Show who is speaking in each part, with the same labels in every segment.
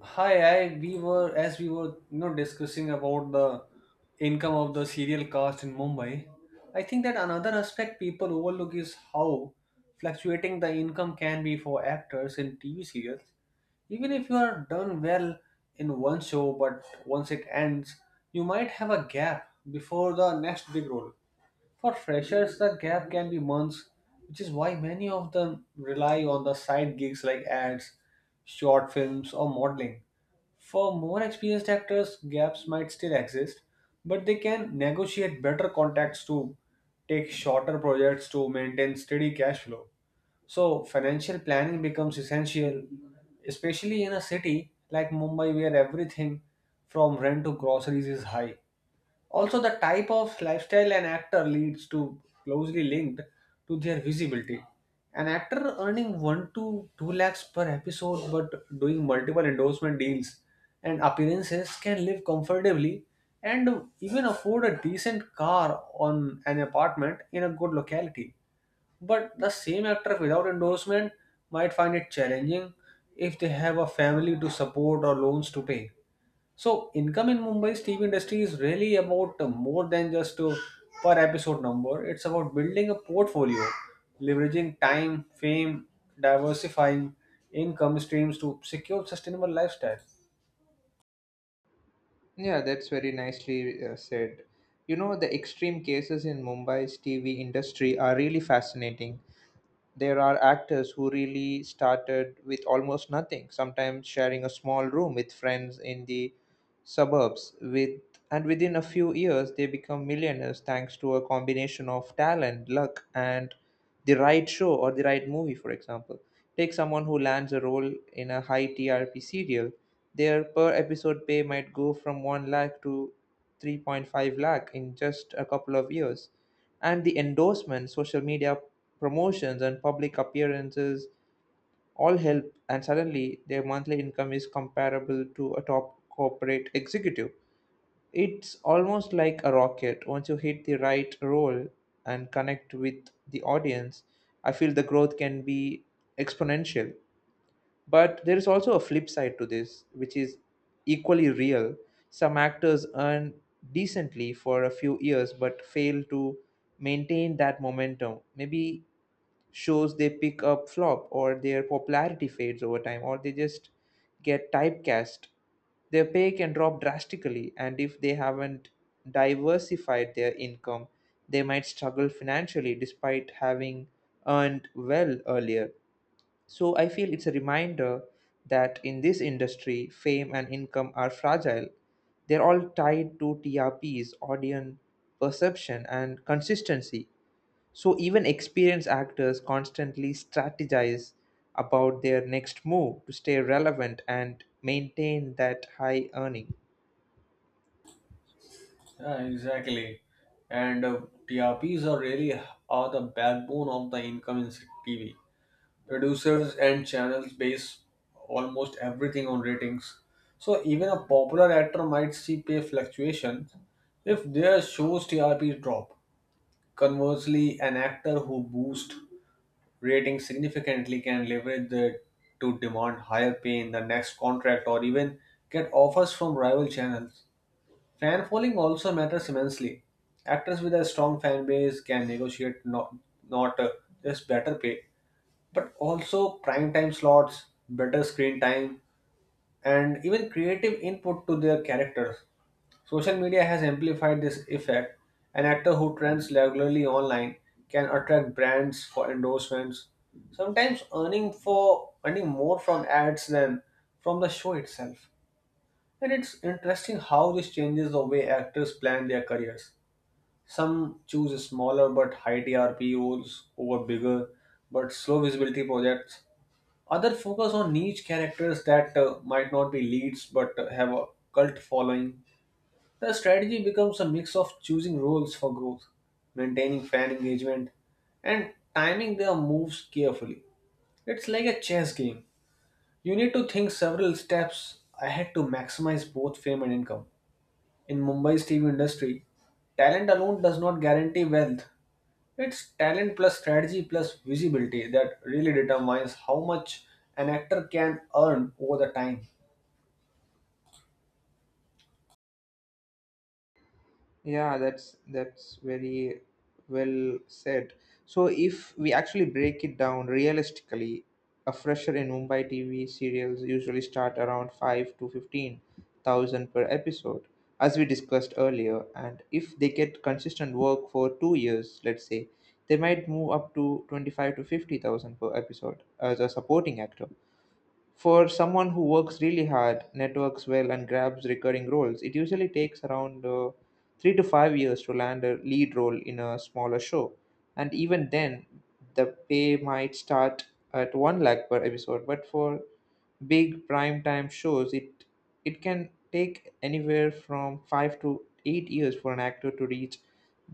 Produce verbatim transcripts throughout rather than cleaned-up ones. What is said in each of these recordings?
Speaker 1: Hi, I we were as we were you know discussing about the income of the serial cast in Mumbai. I think that another aspect people overlook is how fluctuating the income can be for actors in T V serials. Even if you are done well in one show, but once it ends, you might have a gap before the next big role. For freshers, the gap can be months, which is why many of them rely on the side gigs like ads, short films, or modeling. For more experienced actors, gaps might still exist, but they can negotiate better contracts to take shorter projects to maintain steady cash flow. So, financial planning becomes essential, especially in a city like Mumbai where everything from rent to groceries is high. Also, the type of lifestyle an actor leads to closely linked to their visibility. An actor earning one to two lakhs per episode but doing multiple endorsement deals and appearances can live comfortably and even afford a decent car on an apartment in a good locality. But the same actor without endorsement might find it challenging if they have a family to support or loans to pay. So income in Mumbai's T V industry is really about uh, more than just a per episode number. It's about building a portfolio, leveraging time, fame, diversifying income streams to secure sustainable lifestyle.
Speaker 2: Yeah, that's very nicely uh, said. You know, the extreme cases in Mumbai's T V industry are really fascinating. There are actors who really started with almost nothing, sometimes sharing a small room with friends in the suburbs with, and within a few years they become millionaires thanks to a combination of talent, luck and the right show or the right movie for example. Take someone who lands a role in a high T R P serial, their per episode pay might go from one lakh to three point five lakh in just a couple of years, and the endorsements, social media promotions, and public appearances all help, and suddenly their monthly income is comparable to a top corporate executive. It's almost like a rocket. Once you hit the right role and connect with the audience, I feel the growth can be exponential. But there is also a flip side to this, which is equally real. Some actors earn decently for a few years but fail to maintain that momentum. Maybe shows they pick up flop or their popularity fades over time or they just get typecast. Their pay can drop drastically, and if they haven't diversified their income, they might struggle financially despite having earned well earlier. So I feel it's a reminder that in this industry, fame and income are fragile. They're all tied to T R Ps, audience perception, and consistency. So even experienced actors constantly strategize about their next move to stay relevant and maintain that high earning.
Speaker 1: Yeah, exactly. And uh, T R Ps are really are the backbone of the income in T V. Producers and channels base almost everything on ratings. So even a popular actor might see pay fluctuations if their show's T R P drop. Conversely, an actor who boosts ratings significantly can leverage that to demand higher pay in the next contract or even get offers from rival channels. Fan following also matters immensely. Actors with a strong fan base can negotiate not, not uh, just better pay but also prime time slots, better screen time, and even creative input to their characters. Social media has amplified this effect. An actor who trends regularly online can attract brands for endorsements, sometimes earning for earning more from ads than from the show itself. And it's interesting how this changes the way actors plan their careers. Some choose smaller but high T R P roles over bigger but slow visibility projects other focus on niche characters that uh, might not be leads but uh, have a cult following. The strategy becomes a mix of choosing roles for growth, maintaining fan engagement, and timing their moves carefully. It's like a chess game. You need to think several steps ahead to maximize both fame and income. In Mumbai's T V industry, talent alone does not guarantee wealth, it's talent plus strategy plus visibility that really determines how much an actor can earn over the time.
Speaker 2: Yeah, that's that's very well said. So if we actually break it down realistically, a fresher in Mumbai T V serials usually start around five to fifteen thousand per episode, as we discussed earlier, and if they get consistent work for two years, let's say, they might move up to twenty-five to fifty thousand per episode as a supporting actor. For someone who works really hard, networks well, and grabs recurring roles, it usually takes around uh, three to five years to land a lead role in a smaller show. And even then, the pay might start at one lakh per episode. But for big primetime shows, it, it can take anywhere from five to eight years for an actor to reach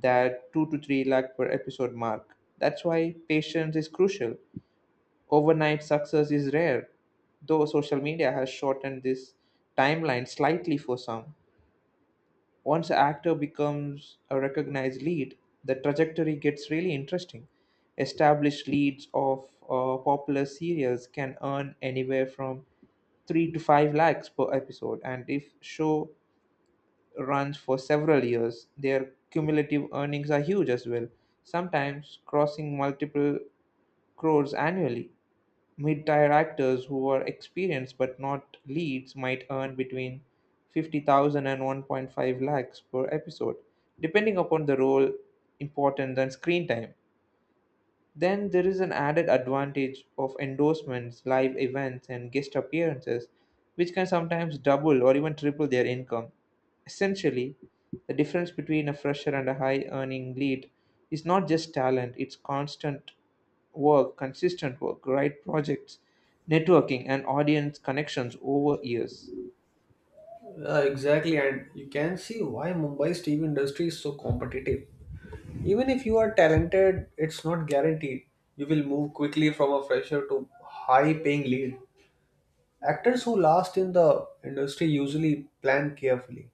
Speaker 2: that two to three lakh per episode mark. That's why patience is crucial. Overnight success is rare, though social media has shortened this timeline slightly for some. Once an actor becomes a recognized lead, the trajectory gets really interesting. Established leads of uh, popular serials can earn anywhere from three to five lakhs per episode, and if show runs for several years, their cumulative earnings are huge as well, sometimes crossing multiple crores annually. Mid-tier actors who are experienced but not leads might earn between fifty thousand and one point five lakhs per episode, depending upon the role importance and screen time. Then there is an added advantage of endorsements, live events, and guest appearances, which can sometimes double or even triple their income. Essentially, the difference between a fresher and a high earning lead is not just talent, it's constant work, consistent work, right projects, networking, and audience connections over years.
Speaker 1: Uh, exactly, and you can see why Mumbai's T V industry is so competitive. Even if you are talented, it's not guaranteed. You will move quickly from a fresher to high paying lead. Actors who last in the industry usually plan carefully.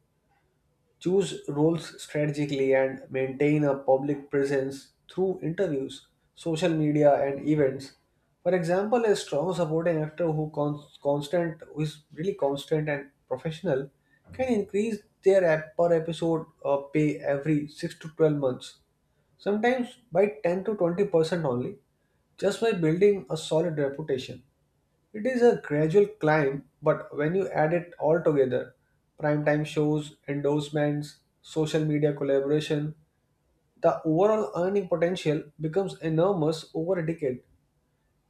Speaker 1: Choose roles strategically, and maintain a public presence through interviews, social media, and events. For example, a strong supporting actor who con- constant who is really constant and professional can increase their ep- per episode uh, pay every six to twelve months, sometimes by ten to twenty percent only, just by building a solid reputation. It is a gradual climb, but when you add it all together primetime shows, endorsements, social media collaboration the overall earning potential becomes enormous over a decade,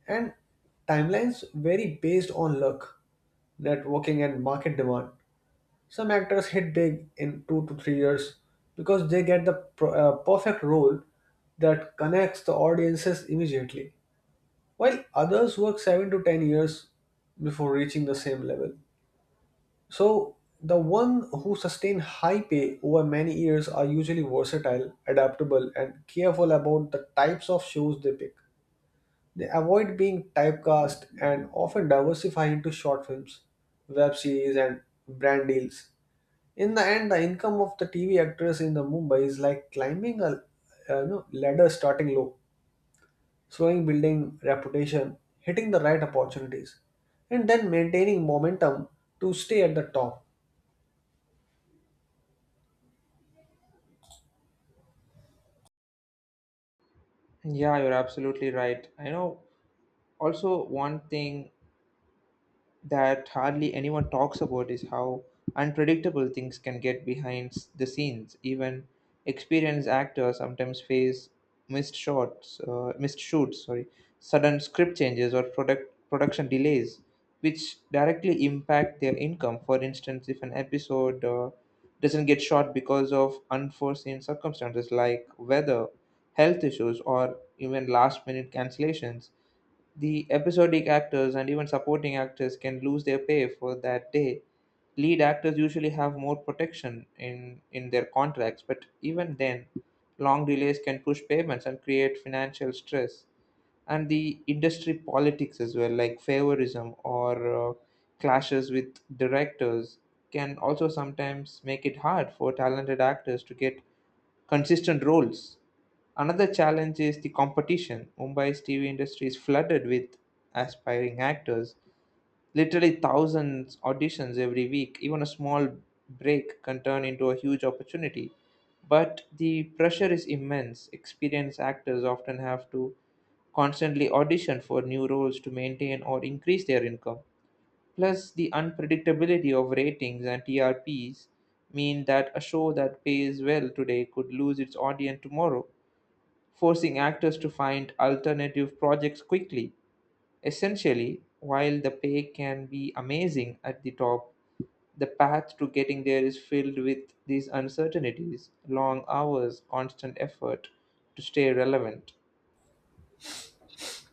Speaker 1: and timelines vary based on luck, networking, and market demand. Some actors hit big in two to three years because they get the pro- uh, perfect role that connects the audiences immediately while others work seven to ten years before reaching the same level. So, the one who sustain high pay over many years are usually versatile, adaptable, and careful about the types of shows they pick. They avoid being typecast and often diversify into short films, web series, and brand deals. In the end, the income of the T V actress in the Mumbai is like climbing a uh, you know, ladder starting low slowing building reputation, hitting the right opportunities, and then maintaining momentum to stay at the top.
Speaker 2: Yeah, you're absolutely right. I know also one thing that hardly anyone talks about is how unpredictable things can get behind s- the scenes. Even experienced actors sometimes face missed shots, uh, missed shoots, sorry, sudden script changes or product production delays, which directly impact their income. For instance, if an episode uh, doesn't get shot because of unforeseen circumstances like weather, health issues, or even last-minute cancellations, the episodic actors and even supporting actors can lose their pay for that day. Lead actors usually have more protection in, in their contracts, but even then, long delays can push payments and create financial stress. And the industry politics as well, like favorism or uh, clashes with directors, can also sometimes make it hard for talented actors to get consistent roles. Another challenge is the competition. Mumbai's T V industry is flooded with aspiring actors. Literally thousands auditions every week. Even a small break can turn into a huge opportunity. But the pressure is immense. Experienced actors often have to constantly audition for new roles to maintain or increase their income. Plus, the unpredictability of ratings and T R Ps mean that a show that pays well today could lose its audience tomorrow, forcing actors to find alternative projects quickly. Essentially, while the pay can be amazing at the top, the path to getting there is filled with these uncertainties, long hours, constant effort to stay relevant.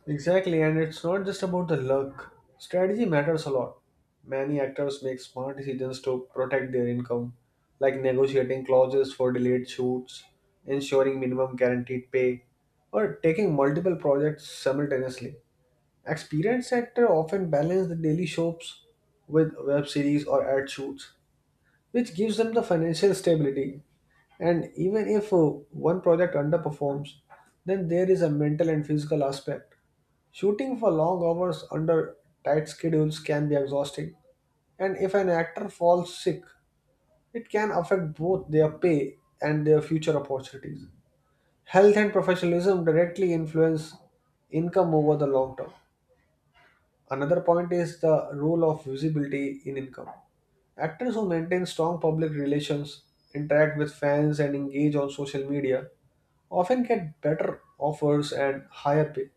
Speaker 1: Exactly, and it's not just about the luck. Strategy matters a lot. Many actors make smart decisions to protect their income, like negotiating clauses for delayed shoots, ensuring minimum guaranteed pay, or taking multiple projects simultaneously. Experienced actors often balance the daily shows with web series or ad shoots, which gives them the financial stability. And even if uh, one project underperforms, then there is a mental and physical aspect. Shooting for long hours under tight schedules can be exhausting. And if an actor falls sick, it can affect both their pay and their future opportunities. Health and professionalism directly influence income over the long term. Another point is the role of visibility in income. Actors who maintain strong public relations, interact with fans, and engage on social media often get better offers and higher pay.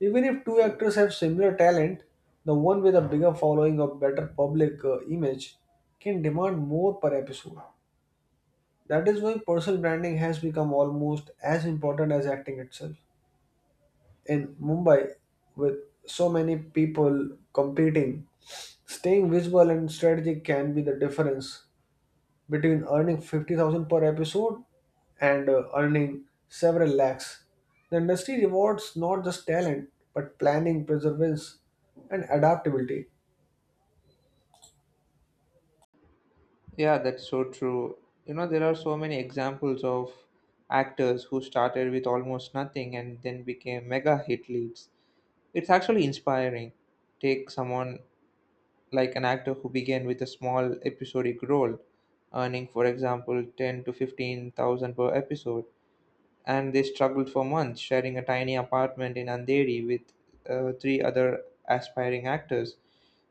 Speaker 1: Even if two actors have similar talent, the one with a bigger following or better public uh, image can demand more per episode. That is why personal branding has become almost as important as acting itself. In Mumbai, with so many people competing, staying visual and strategic can be the difference between earning fifty thousand per episode and uh, earning several lakhs. The industry rewards not just talent but planning, perseverance, and adaptability.
Speaker 2: Yeah, that's so true. You know, there are so many examples of actors who started with almost nothing and then became mega hit leads. It's actually inspiring. Take someone like an actor who began with a small episodic role, earning, for example, ten to fifteen thousand per episode, and they struggled for months, sharing a tiny apartment in Andheri with uh, three other aspiring actors,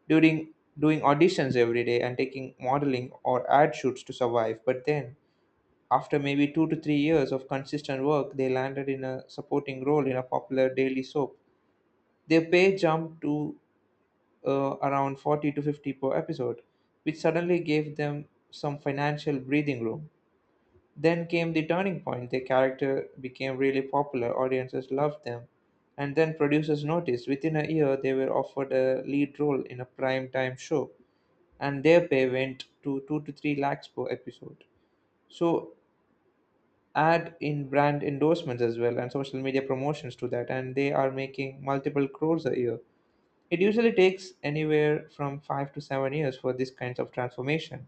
Speaker 2: during doing auditions every day and taking modeling or ad shoots to survive. But then, after maybe two to three years of consistent work, they landed in a supporting role in a popular daily soap. Their pay jumped to uh, around forty to fifty per episode, which suddenly gave them some financial breathing room. Then came the turning point. Their character became really popular, audiences loved them, and then producers noticed within a year they were offered a lead role in a prime time show, and their pay went to two to three lakhs per episode. So add in brand endorsements as well and social media promotions to that, and they are making multiple crores a year. It usually takes anywhere from five to seven years for these kinds of transformation,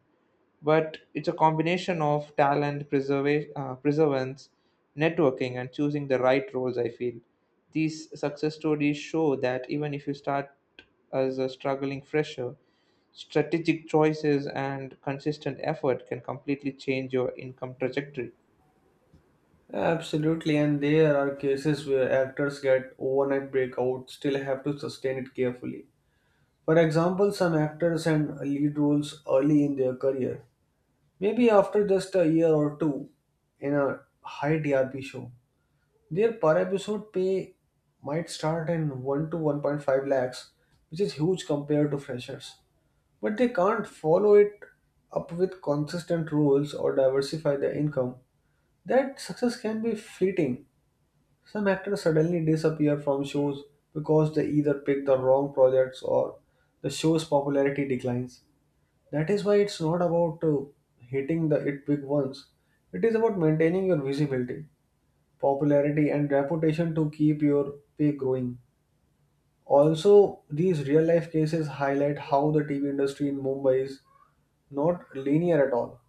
Speaker 2: but it's a combination of talent, preserva- uh, preservance, networking, and choosing the right roles. I feel these success stories show that even if you start as a struggling fresher, strategic choices and consistent effort can completely change your income trajectory.
Speaker 1: Absolutely, and there are cases where actors get overnight breakout, still have to sustain it carefully. For example, some actors and lead roles early in their career, maybe after just a year or two in a high T R P show. Their per episode pay might start in one to one point five lakhs, which is huge compared to freshers. But they can't follow it up with consistent rules or diversify their income. That success can be fleeting. Some actors suddenly disappear from shows because they either pick the wrong projects or the show's popularity declines. That is why it's not about uh, hitting the it big ones. It is about maintaining your visibility popularity and reputation to keep your pay growing. Also, these real life cases highlight how the T V industry in Mumbai is not linear at all.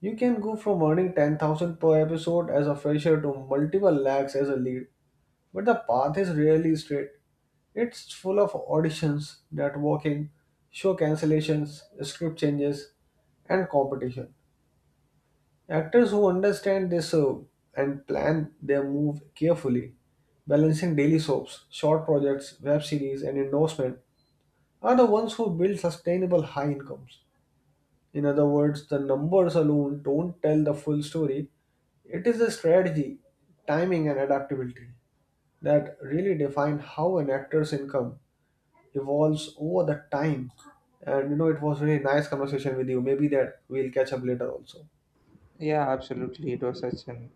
Speaker 1: You can go from earning ten thousand per episode as a fresher to multiple lakhs as a lead, but the path is rarely straight. It's full of auditions, networking, show cancellations, script changes, and competition. Actors who understand this uh, and plan their move carefully, balancing daily soaps, short projects, web series, and endorsement, are the ones who build sustainable high incomes. In other words, the numbers alone don't tell the full story. It is the strategy, timing, and adaptability that really define how an actor's income evolves over the time. And you know, it was really nice conversation with you. Maybe that we'll catch up later also.
Speaker 2: Yeah, absolutely. It was such an